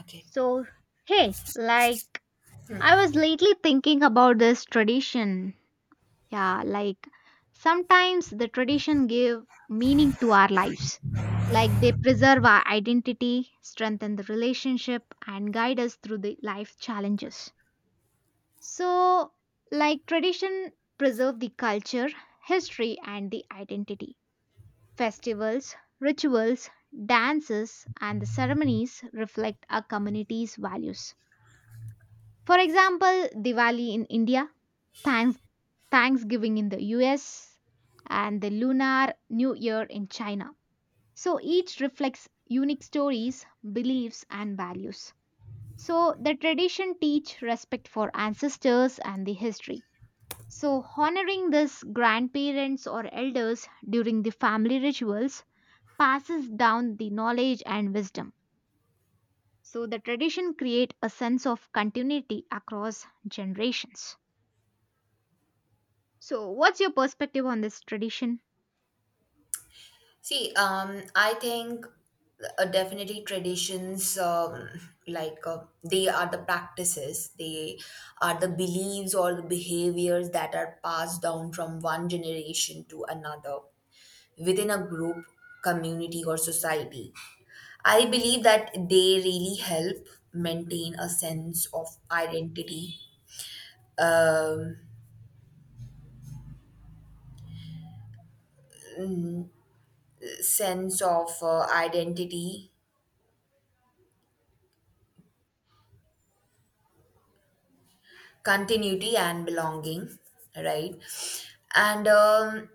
Okay. So, hey, like, I Hmm. was lately thinking about this tradition. Yeah, like, sometimes the tradition give meaning to our lives. Like, they preserve our identity, strengthen the relationship, and guide us through the life challenges. So, like, tradition preserve the culture, history, and the identity. Festivals, rituals, dances, and the ceremonies reflect our community's values. For example, Diwali in India, Thanks- Thanksgiving in the US, and the Lunar New Year in China. So each reflects unique stories, beliefs, and values. So the tradition teach respect for ancestors and the history. So honoring this grandparents or elders during the family rituals passes down the knowledge and wisdom. So the tradition create a sense of continuity across generations. So, what's your perspective on this tradition? See, I think definitely traditions, like they are the practices, they are the beliefs or the behaviors that are passed down from one generation to another within a group, community, or society. I believe that they really help maintain a um, sense of identity continuity and belonging, right. And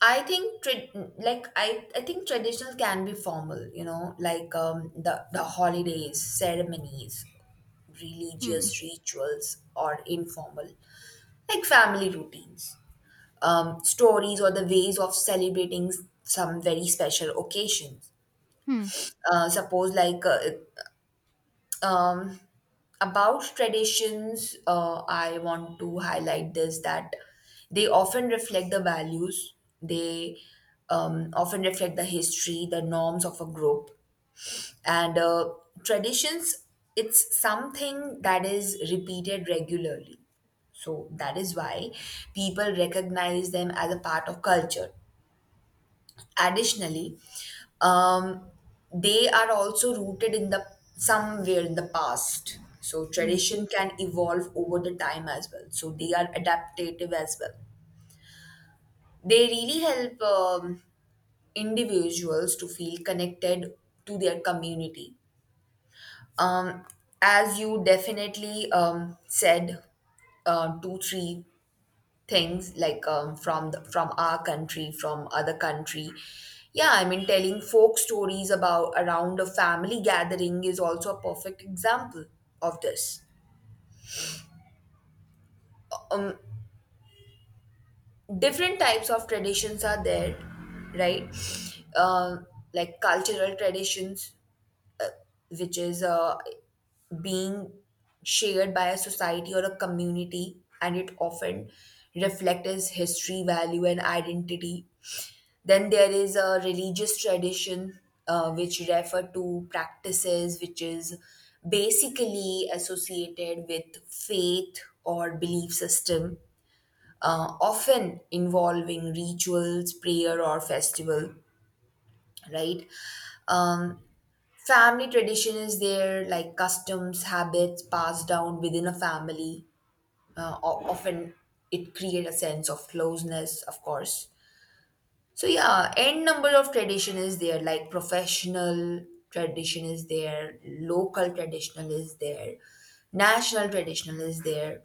I think I think traditional can be formal, you know, like the holidays, ceremonies, Hmm. religious rituals, or informal, like family routines, stories, or the ways of celebrating some very special occasions. Hmm. Uh, suppose like uh, um, about traditions, I want to highlight this, that they often reflect the values, they often reflect the history, the norms of a group. And traditions, it's something that is repeated regularly. So that is why people recognize them as a part of culture. Additionally, um, they are also rooted in the somewhere in the past, so Hmm. tradition can evolve over the time as well, so they are adaptive as well. They really help individuals to feel connected to their community. um, as you definitely said two three things, like from our country, from other country. Yeah, I mean, telling folk stories about around a family gathering is also a perfect example of this. um, Different types of traditions are there, right. um, like cultural traditions, which is being shared by a society or a community, and it often reflects history, value, and identity. Then there is a religious tradition, which refer to practices which is basically associated with faith or belief system, often involving rituals, prayer, or festival, right? Um, Family tradition is there, like customs, habits passed down within a family. Often it create a sense of closeness, of course. So yeah, n number of tradition is there, like professional tradition is there, local traditional is there, national traditional is there.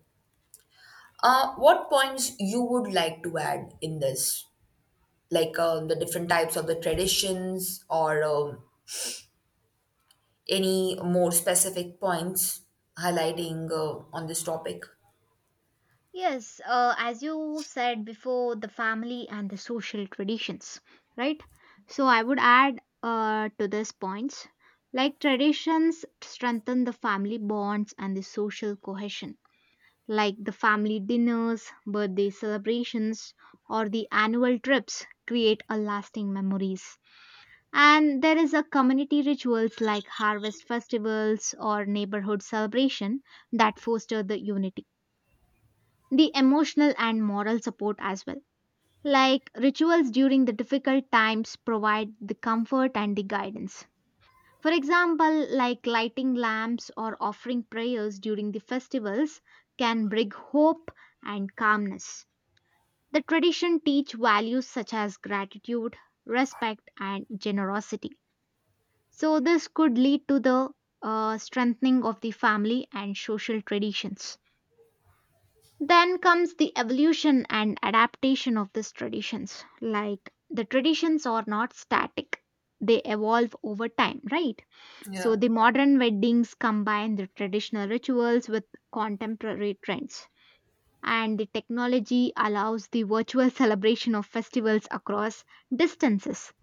What points you would like to add in this, like the different types of the traditions, or any more specific points highlighting on this topic? Yes, as you said before, the family and the social traditions, right? So I would add to this points, like traditions strengthen the family bonds and the social cohesion, like the family dinners, birthday celebrations, or the annual trips create a lasting memories. And there is a community rituals like harvest festivals or neighborhood celebration that foster the unity. The emotional and moral support as well. Like rituals during the difficult times provide the comfort and the guidance. For example, like lighting lamps or offering prayers during the festivals can bring hope and calmness. The tradition teach values such as gratitude, respect and generosity. So, this could lead to the strengthening of the family and social traditions. Then comes the evolution and adaptation of these traditions. Like the traditions are not static, they evolve over time, right? So, Yeah. the modern weddings combine the traditional rituals with contemporary trends. And the technology allows the virtual celebration of festivals across distances,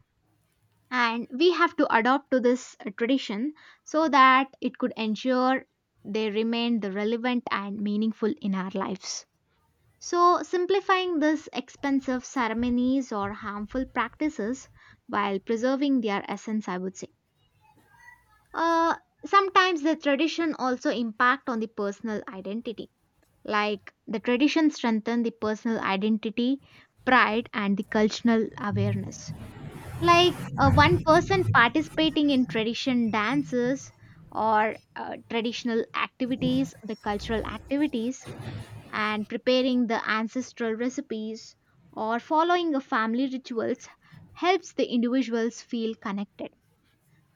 and we have to adopt to this tradition, so that it could ensure they remain the relevant and meaningful in our lives. So simplifying these expensive ceremonies or harmful practices while preserving their essence, I would say. uh, Sometimes the tradition also impact on the personal identity, like the tradition strengthen the personal identity, pride and the cultural awareness. Like one person participating in tradition dances or traditional activities, the cultural activities, and preparing the ancestral recipes or following a family rituals helps the individuals feel connected.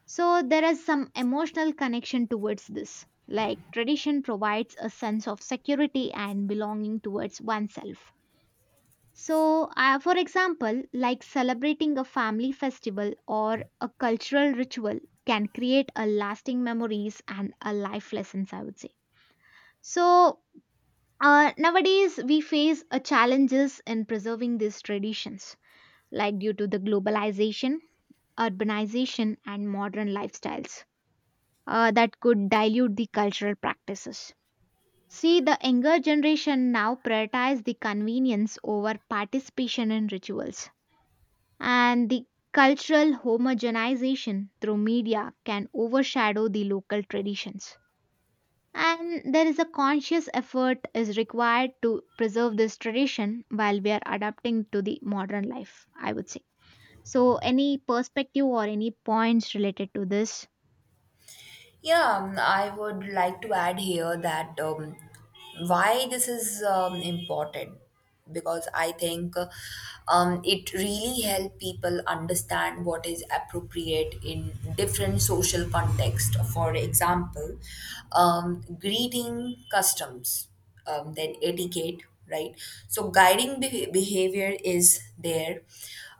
So there is some emotional connection towards this, like tradition provides a sense of security and belonging towards oneself. So, for example, like celebrating a family festival or a cultural ritual can create a lasting memories and a life lessons, I would say. So, nowadays we face a challenges in preserving these traditions, like due to the globalization, urbanization, and modern lifestyles that could dilute the cultural practices. See, the younger generation now prioritize the convenience over participation in rituals and the cultural homogenization through media can overshadow the local traditions. And there is a conscious effort is required to preserve this tradition while we are adapting to the modern life, I would say. So any perspective or any points related to this? Yeah, I would like to add here that why this is important, because I think it really help people understand what is appropriate in different social context. For example, greeting customs, then etiquette, right? So guiding behavior is there.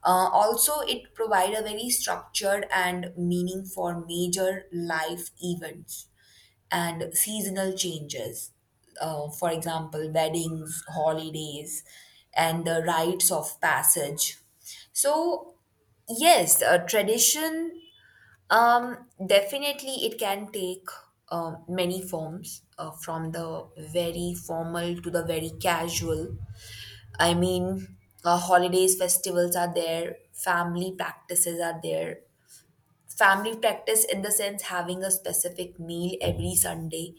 Also, it provides a very structured and meaning for major life events and seasonal changes. For example, weddings, holidays, and the rites of passage. So, yes, tradition um, definitely, it can take many forms, from the very formal to the very casual. I mean, holidays, festivals are there, family practices are there. Family practice, in the sense, having a specific meal every Sunday,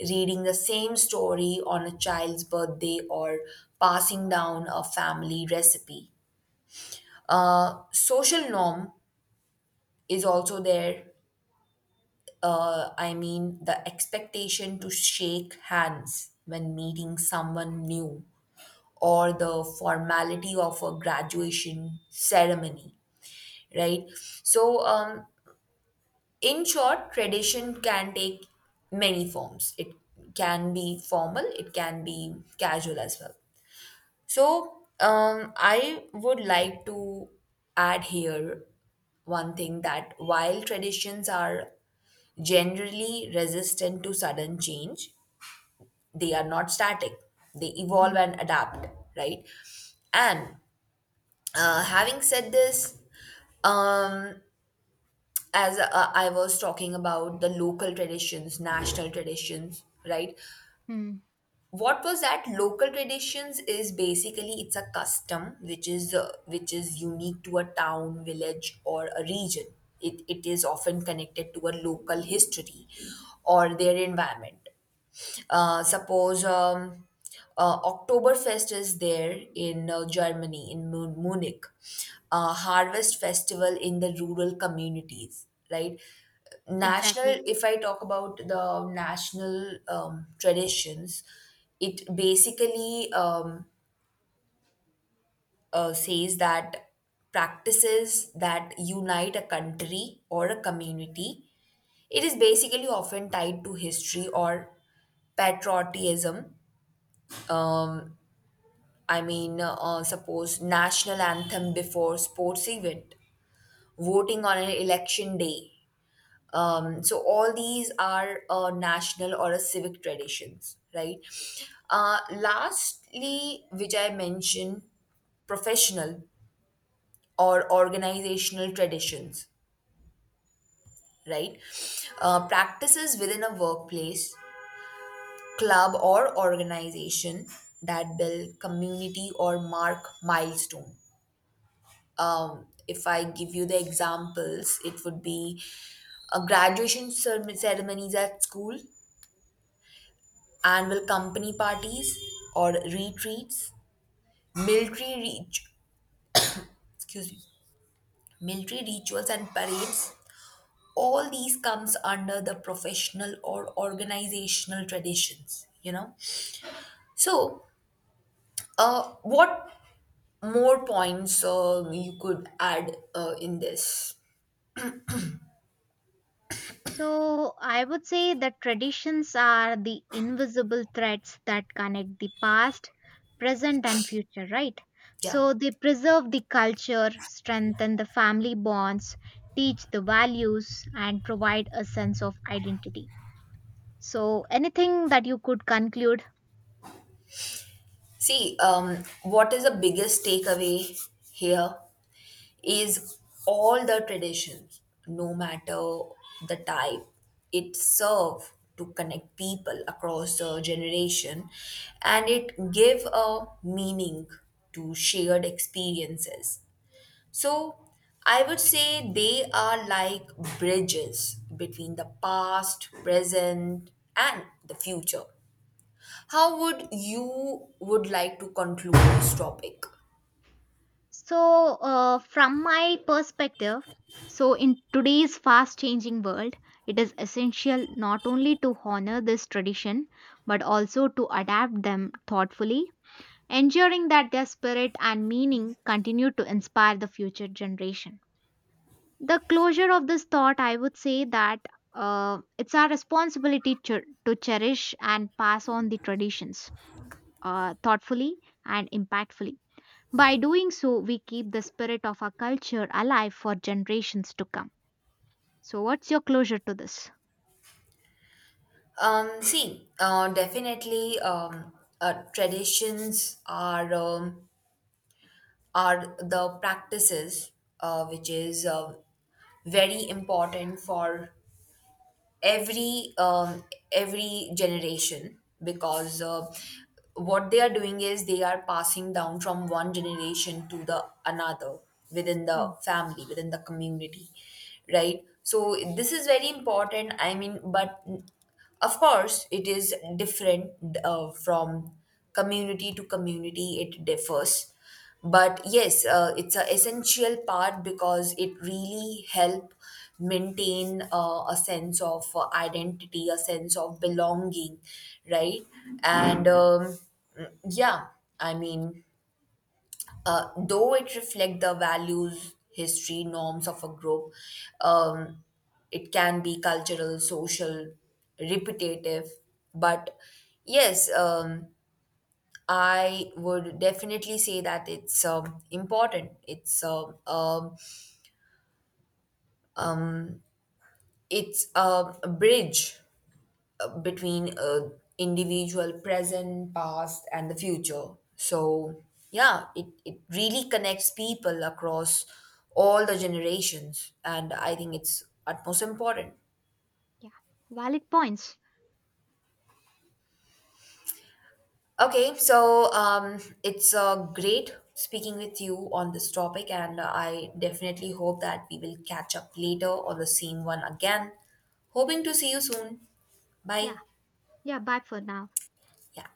reading the same story on a child's birthday, or passing down a family recipe. Social norm is also there. I mean, the expectation to shake hands when meeting someone new, or the formality of a graduation ceremony, right? So, in short, tradition can take many forms. It can be formal, it can be casual as well. So, I would like to add here one thing, that while traditions are generally resistant to sudden change, they are not static, they Hmm. evolve and adapt, right. And having said this, um as I was talking about the local traditions, national traditions, right. Hmm. What was that, local traditions is basically, it's a custom which is unique to a town, village, or a region. It is often connected to a local history or their environment. Suppose Oktoberfest is there in Germany, in Munich, Harvest Festival in the rural communities, right? National, Exactly. if I talk about the national traditions, it basically says that practices that unite a country or a community. It is basically often tied to history or patriotism. um, I mean, suppose national anthem before sports event, voting on an election day. So all these are national or a civic traditions, right? Lastly, which I mentioned, professional or organizational traditions, right? Practices within a workplace, club, or organization that build community or mark milestone. If I give you the examples, it would be a graduation ceremonies at school, annual company parties or retreats, military reach, excuse me, military rituals and parades. All these comes under the professional or organizational traditions, you know. So, what more points you could add in this? So, I would say that traditions are the invisible threads that connect the past, present, and future, right? Yeah. So, they preserve the culture, strengthen the family bonds, teach the values, and provide a sense of identity. So, anything that you could conclude? See, what is the biggest takeaway here is, all the traditions, no matter the type, it serve to connect people across the generation, and it give a meaning to shared experiences. So, I would say they are like bridges between the past, present, and the future. How would you would like to conclude this topic? So, from my perspective, so in today's fast changing world, it is essential not only to honor this tradition but also to adapt them thoughtfully, ensuring that their spirit and meaning continue to inspire the future generation. The closure of this thought, I would say that it's our responsibility to cherish and pass on the traditions, thoughtfully and impactfully. By doing so, we keep the spirit of our culture alive for generations to come. So, what's your closure to this? See, definitely traditions are the practices which is very important for every um, every generation, because what they are doing is, they are passing down from one generation to the another, within Hmm. the family, within the community, right. So this is very important, I mean, but of course, it is different from community to community, it differs. But yes, it's an essential part, because it really help maintain a sense of identity, a sense of belonging, right? And yeah, I mean, though it reflects the values, history, norms of a group. um, it can be cultural, social, repetitive, but yes, I would definitely say that it's important, it's a bridge between a individual, present, past, and the future. So yeah, it really connects people across all the generations, and I think it's utmost important. Yeah, valid points. Okay, so it's great speaking with you on this topic, and I definitely hope that we will catch up later on the same one again. Hoping to see you soon. Bye. Yeah, yeah, bye for now. Yeah.